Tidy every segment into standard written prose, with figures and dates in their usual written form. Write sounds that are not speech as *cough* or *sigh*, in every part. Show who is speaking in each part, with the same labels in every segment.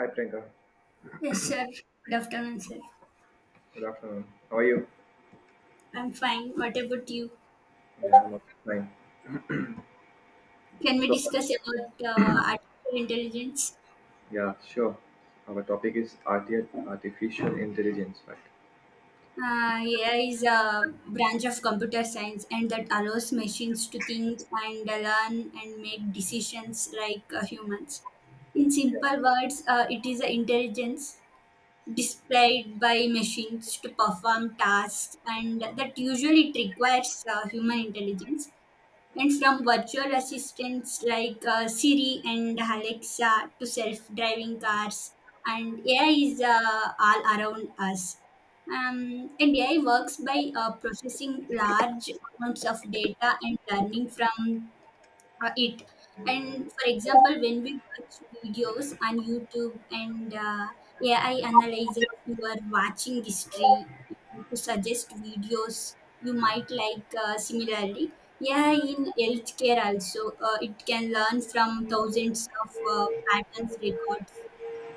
Speaker 1: Hi, Priyanka.
Speaker 2: Yes, sir. Good afternoon, sir.
Speaker 1: Good afternoon. How are you?
Speaker 2: I'm fine. What about you?
Speaker 1: Yeah, I'm okay. Fine.
Speaker 2: Can we
Speaker 1: So,
Speaker 2: discuss about artificial intelligence?
Speaker 1: yeah, sure. Our topic is artificial intelligence, right?
Speaker 2: AI is a branch of computer science and that allows machines to think and learn and make decisions like humans. In simple words, it is an intelligence displayed by machines to perform tasks and that usually it requires human intelligence. And from virtual assistants like Siri and Alexa to self driving cars. And AI is all around us. And AI works by processing large amounts of data and learning from it. And for example, when we watch videos on youtube and ai analyzes your watching history to suggest videos you might like. Similarly, yeah, in healthcare also, it can learn from thousands of patterns records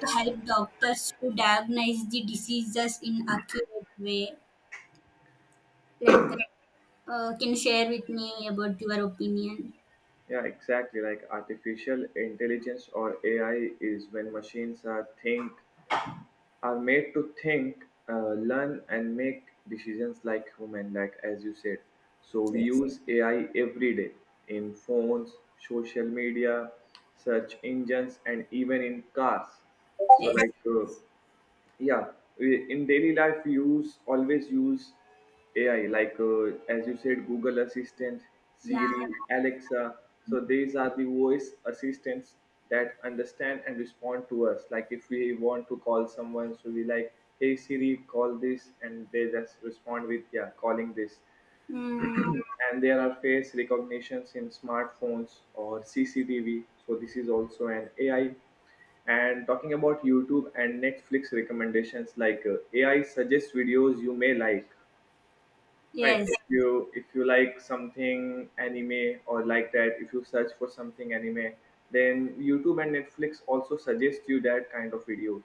Speaker 2: to help doctors to diagnose the diseases in accurate way, like that. Can you share with me about your opinion?
Speaker 1: Yeah, exactly. Like artificial intelligence or AI is when machines are made to think, learn, and make decisions like human, like as you said. So we
Speaker 2: Yes,
Speaker 1: use AI every day in phones, social media, search engines, and even in cars. So
Speaker 2: yes,
Speaker 1: like. Uh, yeah, in daily life we use always use ai like as you said, Google Assistant, yeah,
Speaker 2: yeah.
Speaker 1: Siri, Alexa, so these are the voice assistants that understand and respond to us, like if we want to call someone, so we like, hey Siri, call this, and they just respond with, yeah, calling this.
Speaker 2: Mm,
Speaker 1: And there are face recognitions in smartphones or CCTV. So this is also an AI. And talking about YouTube and Netflix recommendations, like AI suggests videos you may like. Right?
Speaker 2: yes,
Speaker 1: If you like something anime or like that, if you search for something anime, then YouTube and Netflix also suggest you that kind of videos.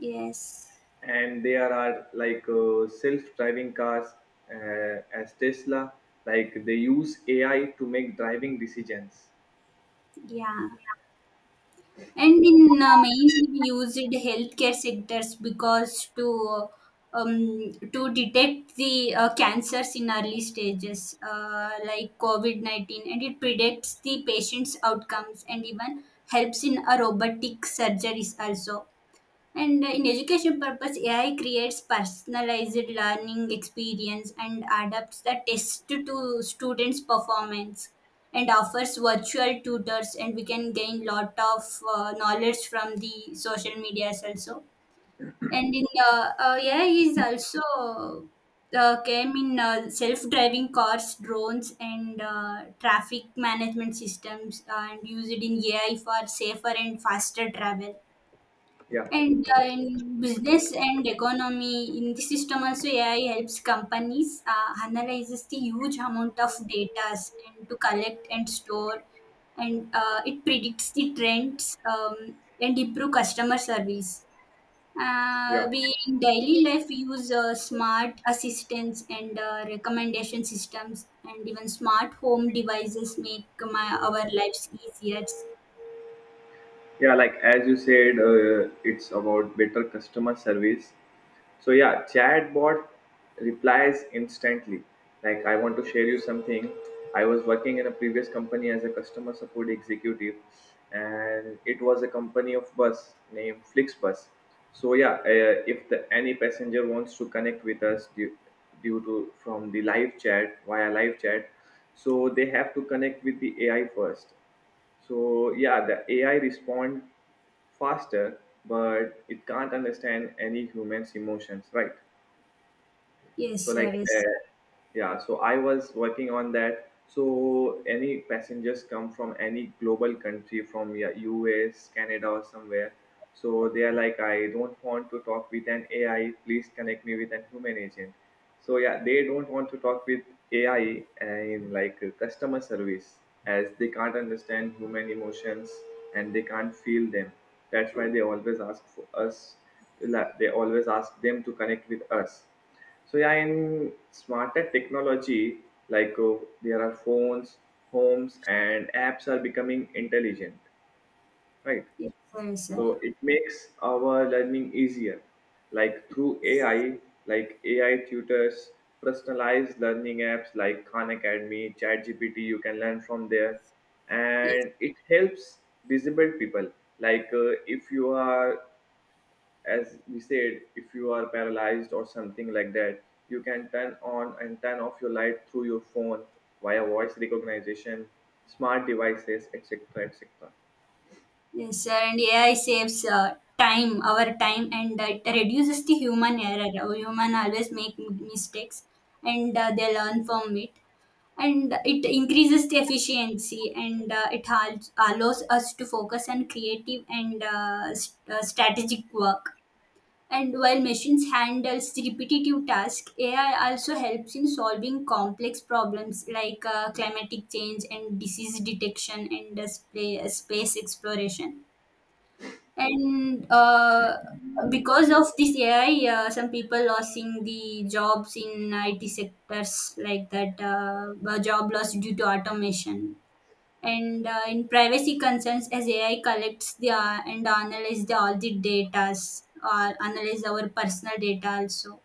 Speaker 2: yes,
Speaker 1: And there are like self-driving cars, as Tesla, like they use AI to make driving decisions.
Speaker 2: yeah. And in mainly we used healthcare sectors, because to detect the cancers in early stages, like COVID-19, and it predicts the patient's outcomes and even helps in a robotic surgeries also. And in education purpose, AI creates personalized learning experience and adapts the test to students' performance, and offers virtual tutors, and we can gain lot of knowledge from the social medias also. And in AI is also came in self-driving cars, drones and traffic management systems, and use it in AI for safer and faster travel.
Speaker 1: yeah,
Speaker 2: And in business and economy, in the system also, AI helps companies analyzes the huge amount of data and to collect and store, and it predicts the trends and improve customer service.
Speaker 1: yeah,
Speaker 2: We In daily life we use smart assistants and recommendation systems, and even smart home devices make my our lives easier.
Speaker 1: yeah, like as you said, it's about better customer service. So yeah, chatbot replies instantly. Like, I want to share you something. I was working in a previous company as a customer support executive, and it was a company of bus named Flixbus. So yeah, if any passenger wants to connect with us, due, due to from the live chat via live chat, so they have to connect with the AI first. So yeah, the AI respond faster, but it can't understand any human's emotions, right?
Speaker 2: Yes,
Speaker 1: So like,
Speaker 2: sir. Yes,
Speaker 1: uh, yeah, so I was working on that. So any passengers come from any global country, from, yeah, US, Canada or somewhere, so they are like, I don't want to talk with an AI, please connect me with a human agent. So yeah, they don't want to talk with AI in like customer service, as they can't understand human emotions and they can't feel them. That's why they always ask for us, like, they always ask them to connect with us. So yeah, in smarter technology, like there are phones, homes, and apps are becoming intelligent, right?
Speaker 2: yes, sir.
Speaker 1: So it makes our learning easier, like through AI, like AI tutors, personalized learning apps like Khan Academy, ChatGPT. You can learn from there,
Speaker 2: Yes.
Speaker 1: and it helps disabled people. Like if you are, as we said, if you are paralyzed or something like that, you can turn on and turn off your light through your phone via voice recognition, smart devices, etc, etc.
Speaker 2: Yes, sir. And AI saves time, our time, and it reduces the human error. Our human always make mistakes, and they learn from it. And it increases the efficiency, and it allows us to focus on creative and strategic work. And while machines handles the repetitive task, AI also helps in solving complex problems like climatic change and disease detection and space exploration. And because of this AI, some people losing the jobs in IT sectors, like that, a job loss due to automation. And in privacy concerns, as AI collects the and analyze the, all the data, or analyze our personal data also.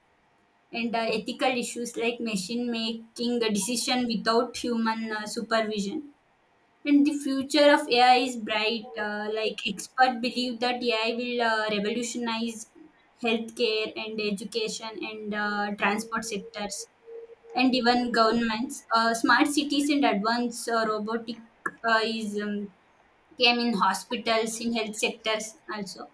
Speaker 2: And ethical issues like machine making the decision without human supervision. And the future of AI is bright. Like experts believe that AI will revolutionize healthcare and education and transport sectors and even governments. Smart cities and advanced robotic is came in hospitals, in health sectors also.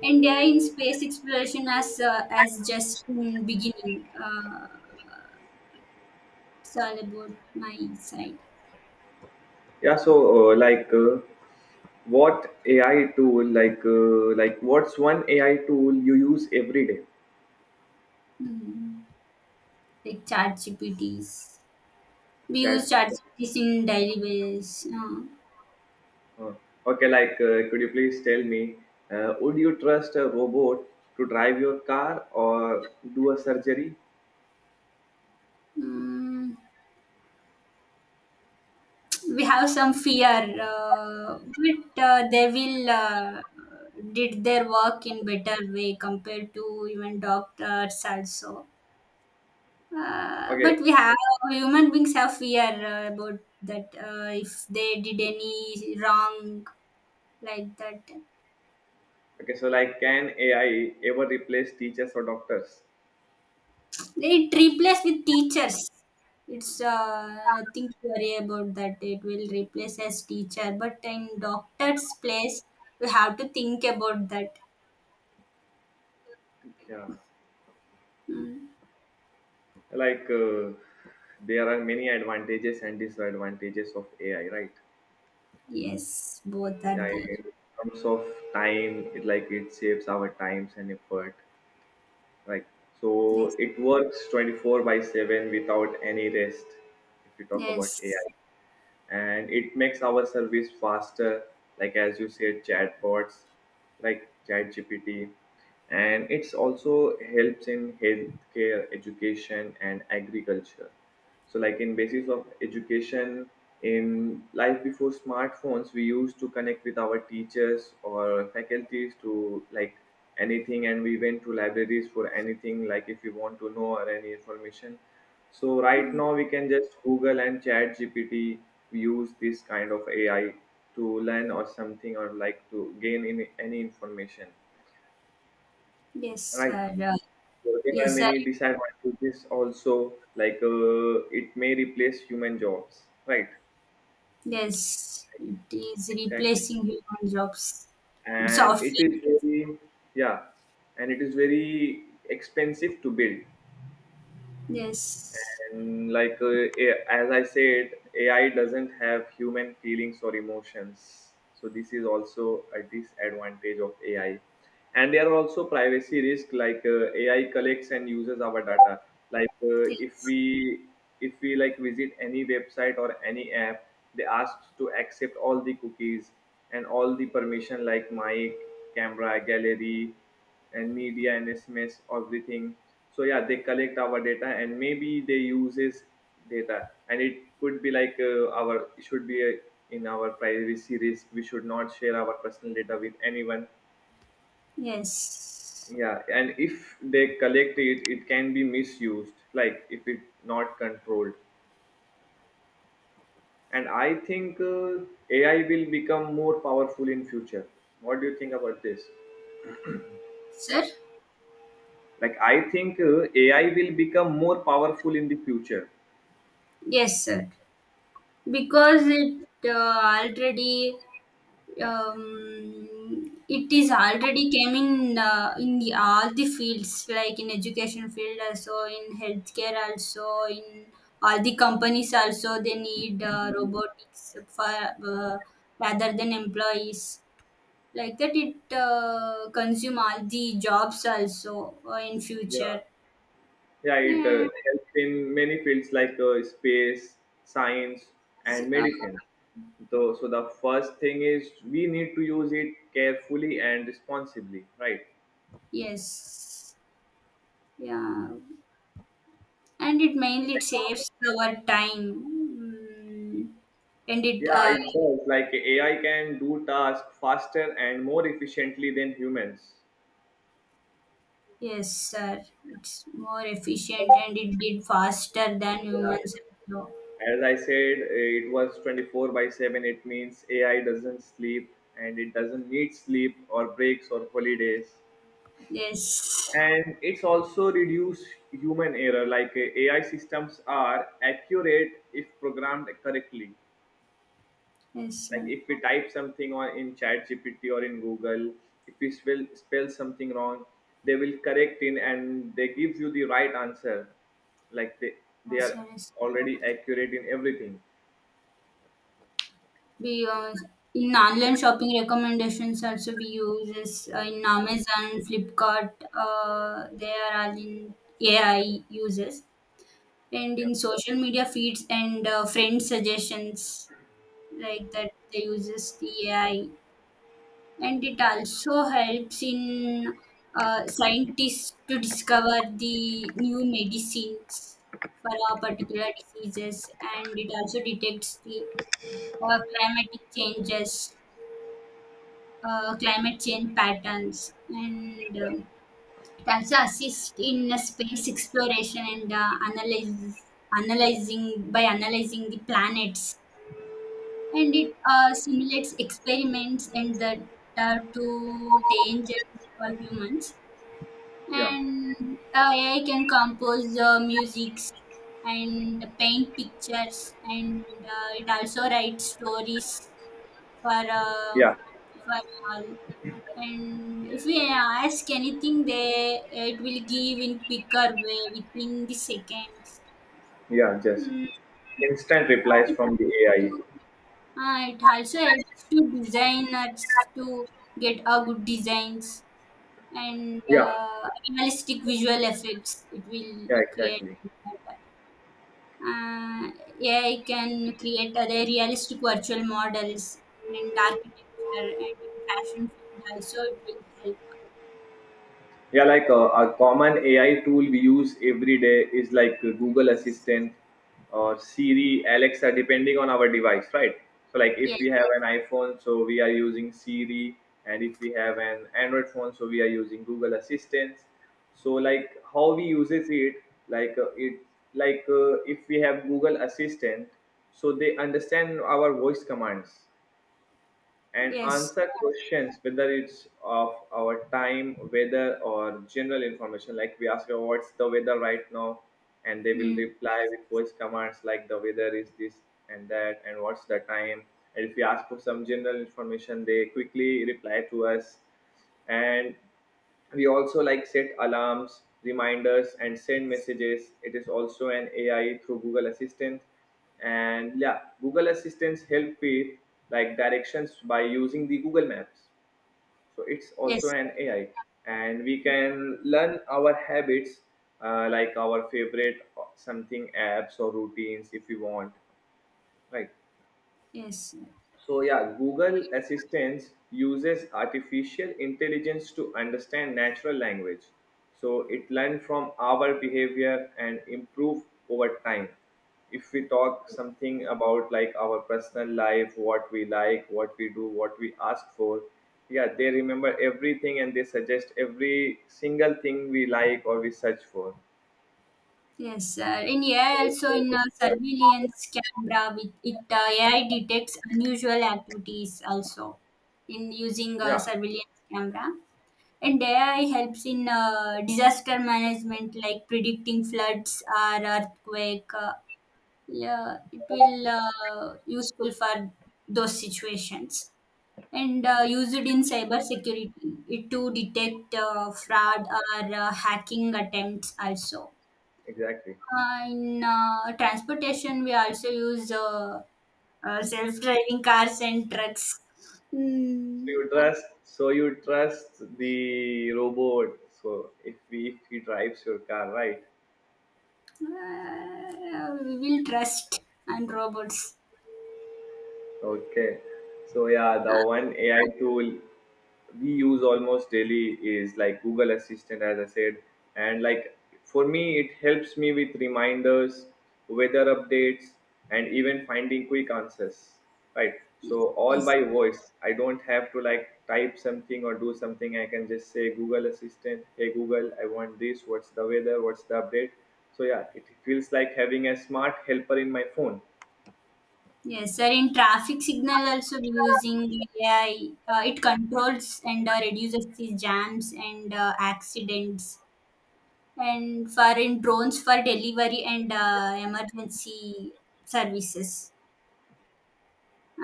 Speaker 2: And AI in space exploration, as just in beginning. It's all about my side.
Speaker 1: Yeah, so, like, what's one AI tool you use every day?
Speaker 2: Hmm. Like chat GPTs. We
Speaker 1: Chat
Speaker 2: use ChatGPT in daily basis.
Speaker 1: uh, okay, like, could you please tell me, would you trust a robot to drive your car or do a surgery?
Speaker 2: Mm, we have some fear, but they will did their work in better way compared to even doctors also.
Speaker 1: Okay.
Speaker 2: But we have human beings have fear about that, if they did any wrong, like that.
Speaker 1: Okay, so like, can AI ever replace teachers or doctors?
Speaker 2: It replaced with teachers. It's nothing to worry about that. It will replace as teacher, but in doctor's place, we have to think about that.
Speaker 1: Yeah.
Speaker 2: Mm.
Speaker 1: Like, there are many advantages and disadvantages of AI, right?
Speaker 2: Yes, both are
Speaker 1: Yeah,
Speaker 2: there.
Speaker 1: in terms of time, it saves our times and effort, right? So
Speaker 2: Yes,
Speaker 1: it works 24 by 7 without any rest. If you talk about AI,
Speaker 2: yes.
Speaker 1: and it makes our service faster, like as you said, chatbots, like ChatGPT, and it's also helps in healthcare, education and agriculture. So like, in basis of education, in life before smartphones, we used to connect with our teachers or faculties to like anything, and we went to libraries for anything, like if we want to know or any information. So right
Speaker 2: Mm.
Speaker 1: now we can just Google and Chat GPT. We use this kind of AI to learn or something, or like to gain any information,
Speaker 2: Yes,
Speaker 1: right?
Speaker 2: sir.
Speaker 1: So there are
Speaker 2: Yes, sir.
Speaker 1: many disadvantages also. Like it may replace human jobs, right?
Speaker 2: Yes, it is
Speaker 1: Exactly,
Speaker 2: replacing human jobs in
Speaker 1: and
Speaker 2: software.
Speaker 1: it is very yeah, and it is very expensive to build.
Speaker 2: Yes,
Speaker 1: And like as I said, AI doesn't have human feelings or emotions, so this is also a disadvantage of AI. And there are also privacy risks, like AI collects and uses our data. Like if
Speaker 2: yes,
Speaker 1: we, like visit any website or any app, they ask to accept all the cookies and all the permission, like mic, camera, gallery and media and SMS, everything. So yeah, they collect our data and maybe they uses data, and it could be like our it should be a, in our privacy risk, we should not share our personal data with anyone.
Speaker 2: yes,
Speaker 1: Yeah, and if they collect it can be misused, like if it not controlled. And I think AI will become more powerful in future. What do you think about this?
Speaker 2: sir.
Speaker 1: Like, I think AI will become more powerful in the future.
Speaker 2: Yes, sir. Because it already it is already came in all the fields, like in education field also, in healthcare also, in all the companies also. They need robotics for rather than employees, like that. It consume all the jobs also, in
Speaker 1: Yeah,
Speaker 2: future.
Speaker 1: yeah, it
Speaker 2: Mm.
Speaker 1: helps in many fields, like space, science and
Speaker 2: uh,
Speaker 1: medicine. So the first thing is we need to use it carefully and responsibly, right?
Speaker 2: yes, yeah, and it mainly it saves our time. mm, and it
Speaker 1: Yeah, it does. Like, AI can do tasks faster and more efficiently than humans.
Speaker 2: yes, sir, it's more efficient and it did faster than
Speaker 1: Yeah.
Speaker 2: humans. No.
Speaker 1: As I said, it was 24 by 7. It means AI doesn't sleep, and it doesn't need sleep or breaks or holidays.
Speaker 2: Yes.
Speaker 1: And it's also reduce human error. Like, AI systems are accurate if programmed correctly.
Speaker 2: Yes,
Speaker 1: Like,
Speaker 2: sir.
Speaker 1: if we type something on in chat gpt or in Google, if we spell something wrong, they will correct it and they give you the right answer. Like, they
Speaker 2: Yes,
Speaker 1: are
Speaker 2: sir. Yes.
Speaker 1: already accurate in everything.
Speaker 2: We use, in online shopping recommendations also, we use is in amazon flipkart. They are all in ai uses. And
Speaker 1: Yeah,
Speaker 2: in social media feeds and friend suggestions, like that they uses the ai. And it also helps in scientists to discover the new medicines for a particular diseases. And it also detects the climatic changes climate change patterns. And
Speaker 1: yeah,
Speaker 2: it also assists in space exploration and analysis analyzing by analyzing the planets. And it simulates experiments and the data to danger for humans.
Speaker 1: yeah,
Speaker 2: And AI can compose the musics and paint pictures, and it also writes stories for uh,
Speaker 1: yeah,
Speaker 2: for all. And if we ask anything, they it will give in quicker way within the seconds.
Speaker 1: yeah, just
Speaker 2: Mm.
Speaker 1: instant
Speaker 2: uh,
Speaker 1: replies
Speaker 2: it
Speaker 1: from the
Speaker 2: helps
Speaker 1: AI.
Speaker 2: to- it also helps to designers to get a good designs and
Speaker 1: Yeah,
Speaker 2: realistic visual effects it will
Speaker 1: yeah,
Speaker 2: create.
Speaker 1: exactly.
Speaker 2: uh, AI can create other realistic virtual models and architecture, and in fashion field also it will help.
Speaker 1: Yeah, like a common AI tool we use every day is like Google Assistant or Siri, Alexa, depending on our device, right? So, like if
Speaker 2: Yes,
Speaker 1: we have an iPhone, so we are using Siri, and if we have an Android phone, so we are using Google Assistant. So, like how we uses it, like uh, it, if we have Google Assistant, so they understand our voice commands and
Speaker 2: yes.
Speaker 1: answer questions, whether it's of our time, weather or general information. Like, we ask them, what's the weather right now, and they will
Speaker 2: Mm.
Speaker 1: reply with voice commands, like, the weather is this and that, and what's the time. And if we ask for some general information, they quickly reply to us. And we also like set alarms, reminders and send messages, it is also an AI through Google Assistant. And yeah, Google Assistants help with like directions by using the Google Maps, so it's also
Speaker 2: Yes,
Speaker 1: an AI. And we can learn our habits, like our favorite, something, apps or routines if we want, right?
Speaker 2: yes,
Speaker 1: So yeah, Google Assistant uses artificial intelligence to understand natural language. So it learns from our behavior and improve over time. If we talk something about like our personal life, what we like, what we do, what we ask for, yeah, they remember everything, and they suggest every single thing we like or we search for.
Speaker 2: yes. In AI also, in
Speaker 1: Yeah,
Speaker 2: surveillance camera, with it AI detects unusual activities also, in using a
Speaker 1: yeah,
Speaker 2: surveillance camera. And AI helps in disaster management, like predicting floods or earthquake. Yeah, it will useful for those situations. And used in cybersecurity, it to detect fraud or hacking attempts also.
Speaker 1: exactly.
Speaker 2: In transportation, we also use self-driving cars and trucks. Mm.
Speaker 1: So you trust the robot. So if he drives your car, right?
Speaker 2: We will trust and robots.
Speaker 1: Okay. So yeah, the one AI tool we use almost daily is like Google Assistant, as I said. And like, for me, it helps me with reminders, weather updates, and even finding quick answers, right? So
Speaker 2: Yes,
Speaker 1: all
Speaker 2: yes,
Speaker 1: by voice. I don't have to like type something or do something. I can just say, Google Assistant, hey Google, I want this, what's the weather, what's the update. So yeah, it feels like having a smart helper in my phone.
Speaker 2: yes, sir. In traffic signal, also we using AI, it controls and reduces the jams and accidents. And for in drones for delivery and emergency services.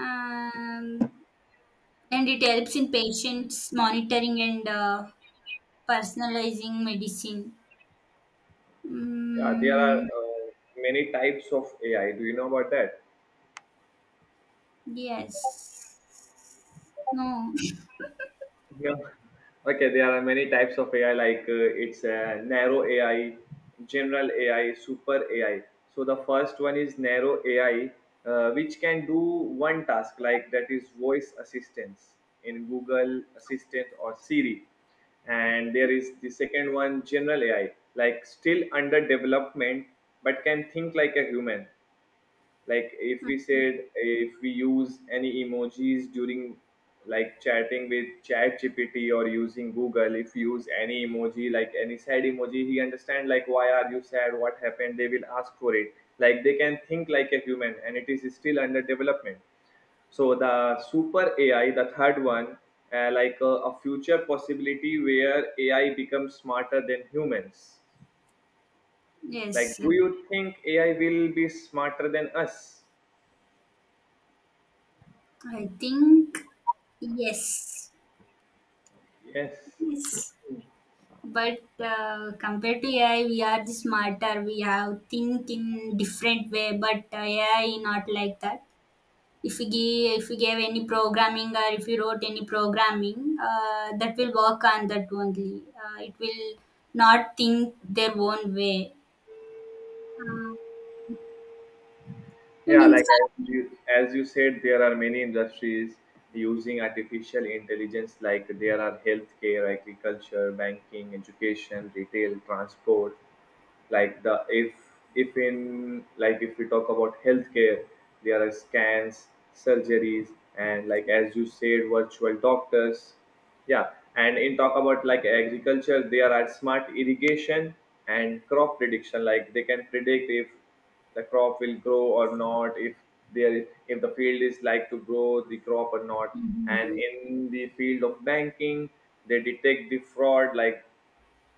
Speaker 2: Um, and it helps in patients monitoring and personalizing medicine.
Speaker 1: Yeah, there are
Speaker 2: Mm.
Speaker 1: many types of AI, do you know about that?
Speaker 2: Yes. No.
Speaker 1: Yeah. Okay, there are many types of AI, like it's narrow AI, general AI, super AI. So the first one is narrow AI, which can do one task, like that is voice assistance in Google Assistant or Siri. And there is the second one, general AI, like still under development but can think like a human. Like if we said
Speaker 2: *laughs*
Speaker 1: if we use any emojis during like chatting with chat gpt or using google. If you use any emoji, like any sad emoji, he understand like why are you sad, what happened, they will ask for it. Like they can think like a human and it is still under development. So the super ai, the third one, uh, like a, a future possibility where ai becomes smarter than humans. Like
Speaker 2: Yes.
Speaker 1: do you think ai will be smarter than us?
Speaker 2: I think yes,
Speaker 1: Yes.
Speaker 2: yes. But compared to AI, we are the smarter. We have think in different way, but AI not like that. If we gave any programming, or if you wrote any programming, that will work on that only. It will not think their own way. Uh, and
Speaker 1: Yeah,
Speaker 2: in
Speaker 1: like as you said, there are many industries using artificial intelligence, like there are healthcare, agriculture, banking, education, retail, transport. Like the if if in like if we talk about healthcare, there are scans, surgeries, and like as you said, virtual doctors. Yeah, and in talk about like agriculture, there are smart irrigation and crop prediction, like they can predict if the crop will grow or not, if there if the field is like to grow the crop or not. And
Speaker 2: Mhm.
Speaker 1: in the field of banking, they detect the fraud, like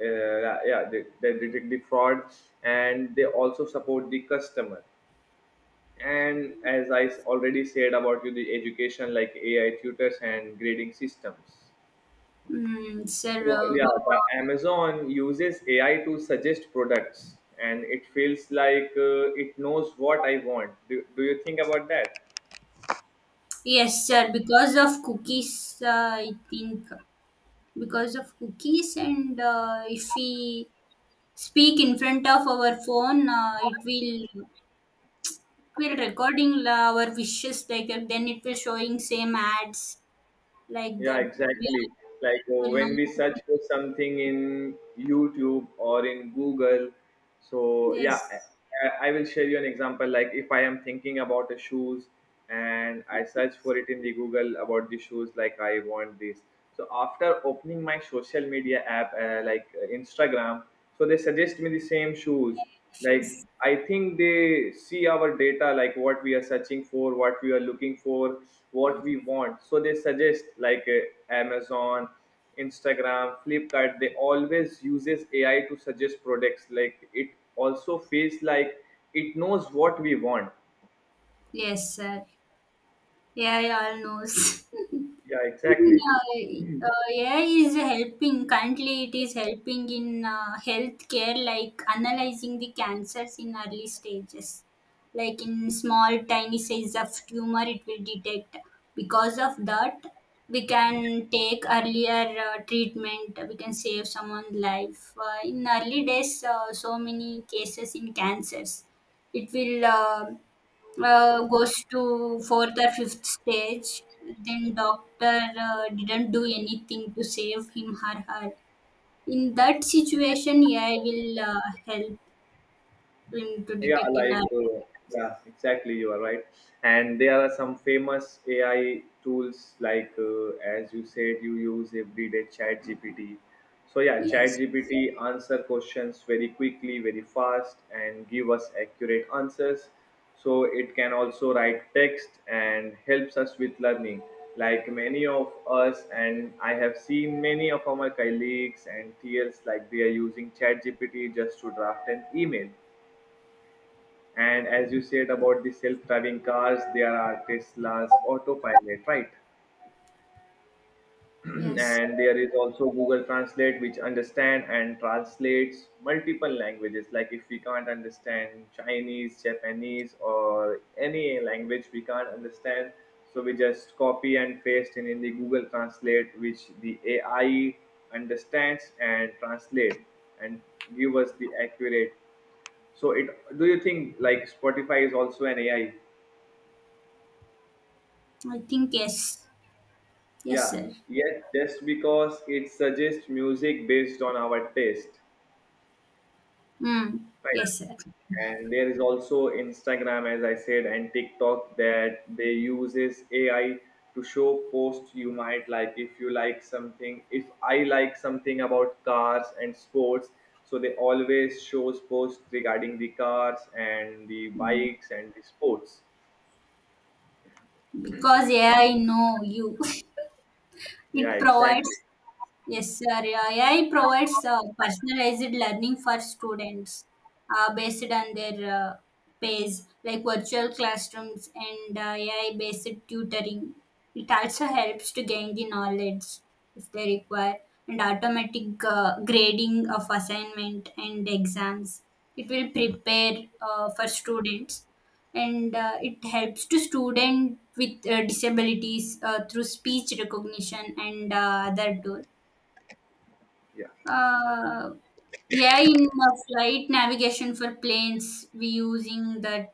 Speaker 1: they detect the fraud. And they also support the customer. And as already said about you, the education, like ai tutors and grading systems.
Speaker 2: Mm, sir,
Speaker 1: So yeah, the amazon uses ai to suggest products and it feels like it knows what I want. Do you think about that?
Speaker 2: yes, sir. Because of cookies, I think. Because of cookies, and if we speak in front of our phone, it will recording our wishes, like that, then it will showing same ads, like
Speaker 1: Yeah,
Speaker 2: that we
Speaker 1: exactly.
Speaker 2: all
Speaker 1: Like
Speaker 2: will
Speaker 1: when
Speaker 2: know.
Speaker 1: we search for something in YouTube or in Google, so yeah,
Speaker 2: Yes.
Speaker 1: I will share you an example. Like if I am thinking about the shoes and I search for it in the Google about the shoes, like I want this. So after opening my social media app, Instagram, so they suggest me the same shoes. Like
Speaker 2: Issues.
Speaker 1: I think they see our data, like what we are searching for, what we are looking for, what we want. So they suggest like amazon, instagram, flipkart, they always uses ai to suggest products, like it also feels like it knows what we want.
Speaker 2: Yes, sir. Yeah, I all knows. *laughs*
Speaker 1: Yeah,
Speaker 2: mean,
Speaker 1: exactly.
Speaker 2: uh, uh, AI is helping currently. It is helping in healthcare, like analyzing the cancers in early stages, like in small tiny size of tumor, it will detect. Because of that, we can take earlier treatment. We can save someone's life. In early days, so many cases in cancers, it will. Goes to fourth or fifth stage, then doctor didn't do anything to save him or her. In that situation ai will help him to
Speaker 1: Yeah,
Speaker 2: detect in our.
Speaker 1: like yeah exactly, you are right. And there are some famous ai tools like as you said, you use everyday chat gpt. So yeah, chat
Speaker 2: Yes.
Speaker 1: gpt answer questions very quickly, very fast, and give us accurate answers. So it can also write text and helps us with learning. Like many of us, and I have seen many of our colleagues and peers, like they are using chat gpt just to draft an email. And as you said about the self-driving cars, there are Tesla's autopilot, right? *clears throat*
Speaker 2: Yes.
Speaker 1: And there is also Google Translate, which understand and translates multiple languages. Like if we can't understand Chinese, Japanese, or any language we can't understand, so we just copy and paste in the Google Translate, which the AI understands and translate and give us the accurate. So it. Do you think like Spotify is also an AI?
Speaker 2: I think yes. Yes,
Speaker 1: Yeah,
Speaker 2: sir.
Speaker 1: yet just because it suggests music based on our taste,
Speaker 2: Mm.
Speaker 1: right?
Speaker 2: Yes, sir,
Speaker 1: And there is also Instagram, as I said, and TikTok that they uses AI to show posts you might like. If you like something, if I like something about cars and sports, so they always shows posts regarding the cars and the bikes and the sports.
Speaker 2: because ai know you. *laughs*
Speaker 1: Yeah,
Speaker 2: It
Speaker 1: exactly.
Speaker 2: provides. Yes, sir. AI provides personalized learning for students, based on their pace, like virtual classrooms and AI-based tutoring. It also helps to gain the knowledge if they require, and automatic grading of assignment and exams. It will prepare for students, and it helps to student with disabilities, through speech recognition and other tool.
Speaker 1: Yeah,
Speaker 2: Uh, yeah, in flight navigation for planes, we using that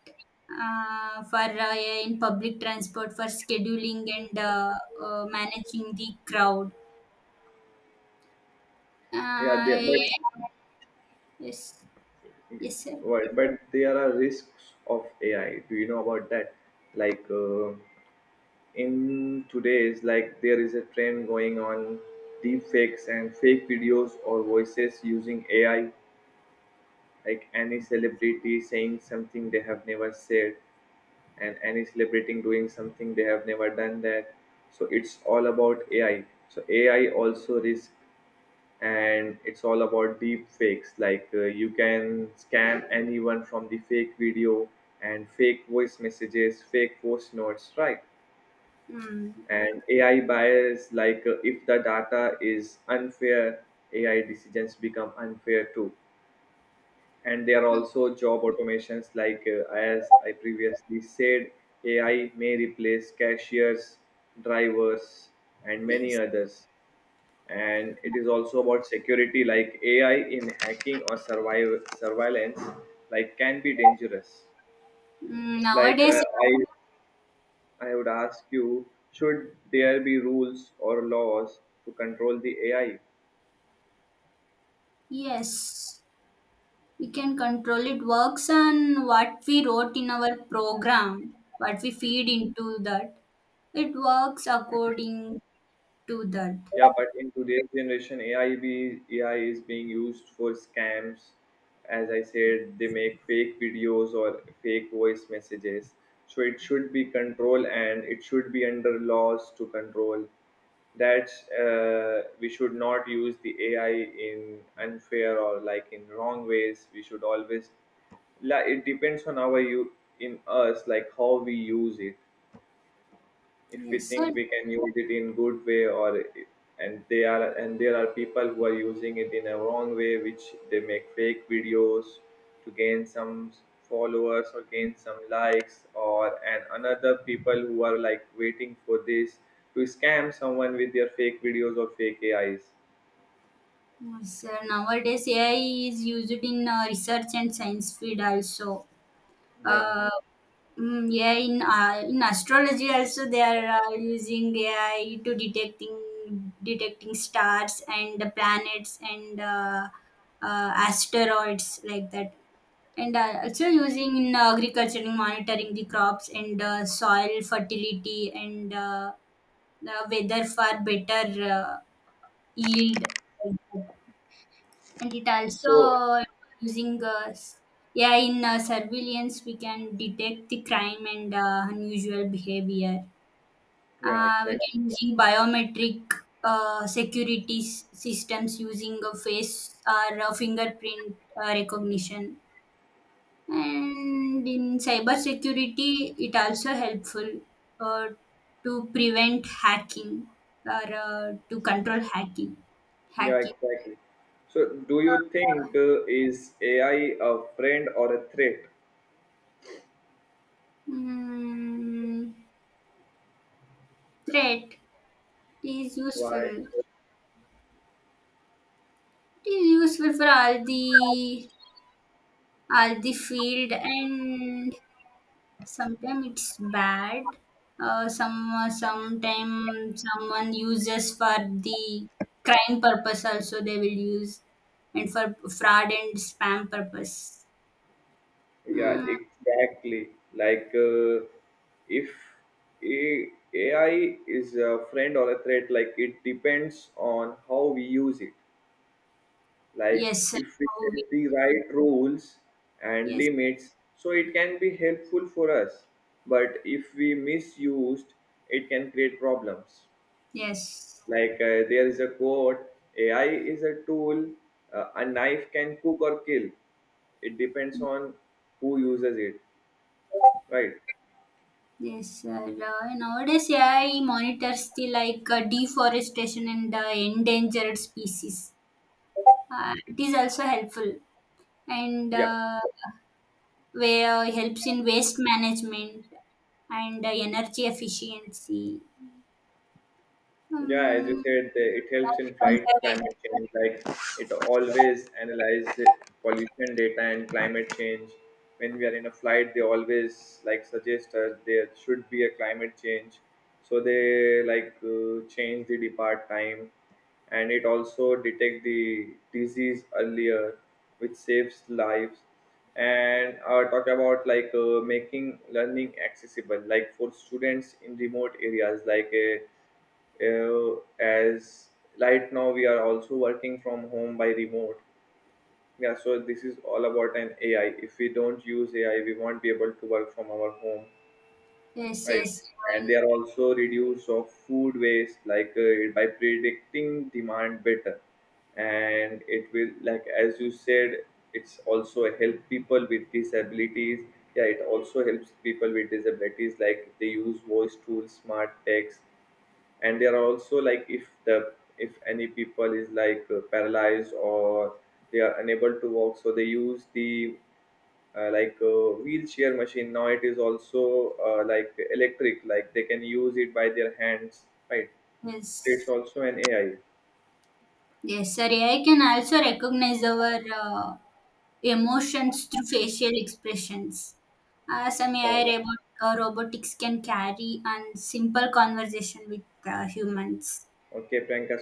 Speaker 2: for yeah, in public transport for scheduling and managing the crowd.
Speaker 1: yeah. They,
Speaker 2: Yeah,
Speaker 1: but
Speaker 2: yes, yes, sir.
Speaker 1: right, but there are risks of AI. Do you know about that? Like in today's, like there is a trend going on, deep fakes and fake videos or voices using AI. Like any celebrity saying something they have never said, and any celebrity doing something they have never done that. So it's all about AI. So AI also risk, and it's all about deep fakes like you can scam anyone from the fake video and fake voice messages, fake voice notes, right?
Speaker 2: Mm,
Speaker 1: And ai bias, like if the data is unfair, ai decisions become unfair too. And there are
Speaker 2: mm,
Speaker 1: also job automations like as I previously said, ai may replace cashiers, drivers, and many
Speaker 2: yes.
Speaker 1: others. And it is also about security, like ai in hacking or survival surveillance, like can be dangerous.
Speaker 2: Mm,
Speaker 1: Like uh,
Speaker 2: nowadays,
Speaker 1: i i would ask you, should there be rules or laws to control the ai?
Speaker 2: yes, we can control it. Works on what we wrote in our program, what we feed into that. It works according to that.
Speaker 1: Yeah, but in today's generation, AI is being used for scams. As I said, they make fake videos or fake voice messages. So it should be controlled and it should be under laws to control. That's we should not use the AI in unfair or like in wrong ways. We should always, like it depends on our you in us, like how we use it. If we
Speaker 2: Yes,
Speaker 1: think
Speaker 2: sir.
Speaker 1: we can use it in good way, or and there are people who are using it in a wrong way, which they make fake videos to gain some followers or gain some likes, or and another people who are like waiting for this to scam someone with their fake videos or fake ais.
Speaker 2: Yes, sir. Nowadays, AI is used in research and science field also.
Speaker 1: Yeah,
Speaker 2: Uh, yeah, in astrology also they are using AI to detecting stars and the planets and asteroids, like that. And also using in agriculture, in monitoring the crops and soil fertility and the weather for better. Yield, like that. And it also
Speaker 1: so
Speaker 2: using yeah, in surveillance we can detect the crime and unusual behavior.
Speaker 1: yeah
Speaker 2: We
Speaker 1: exactly,
Speaker 2: can using biometric security systems using a face or a fingerprint recognition. And in cybersecurity it also helpful, uh, to prevent hacking, or to control hacking
Speaker 1: yeah
Speaker 2: hacking
Speaker 1: exactly. So do you think
Speaker 2: Uh,
Speaker 1: is ai a friend or a threat?
Speaker 2: Mm, Threat is
Speaker 1: Why?
Speaker 2: useful. It is useful for all the field, and sometimes it's bad. Sometimes someone uses for the crime purpose. Also, they will use, and for fraud and spam purpose.
Speaker 1: Yeah,
Speaker 2: Mm,
Speaker 1: exactly. Like, if AI is a friend or a threat, like it depends on how we use it. Like,
Speaker 2: yes.
Speaker 1: if we
Speaker 2: How
Speaker 1: set
Speaker 2: we-
Speaker 1: the right rules and
Speaker 2: yes,
Speaker 1: limits, so it can be helpful for us. But if we misused, it can create problems.
Speaker 2: yes.
Speaker 1: Like, there is a quote: "A I is a tool. A knife can cook or kill. It depends on who uses it." Right.
Speaker 2: Yes, sir. Nowadays, AI monitors the, like, deforestation and the endangered species. It is also helpful, and
Speaker 1: Yeah,
Speaker 2: where helps in waste management and energy efficiency.
Speaker 1: yeah. As you
Speaker 2: Um,
Speaker 1: said, the- it helps in fight
Speaker 2: Conservation.
Speaker 1: climate change. Like it always analyze the pollution data and climate change. When we are in a flight, they always like suggest us there should be a climate change. So they like change the depart time, and it also detect the disease earlier, which saves lives. And talk about like making learning accessible, like for students in remote areas, like. Uh, as Right now we are also working from home by remote. Yeah, so this is all about an ai. If we don't use ai, we won't be able to work from our home,
Speaker 2: Yes,
Speaker 1: right?
Speaker 2: yes,
Speaker 1: And they
Speaker 2: and
Speaker 1: are also reduce of food waste like by predicting demand better. And it will, like as you said, it's also help people with disabilities. Yeah, it also helps people with disabilities, like they use voice tools, smart text. And they are also like if the, if any people is like paralyzed or they are unable to walk, so they use the wheelchair machine. Now it is also like electric, like they can use it by their hands, right? So it's
Speaker 2: yes,
Speaker 1: also an ai.
Speaker 2: yes, sir. AI can also recognize our emotions through facial expressions. Some AI
Speaker 1: Uh,
Speaker 2: robotics can carry and simple conversation with humans.
Speaker 1: okay Priyanka.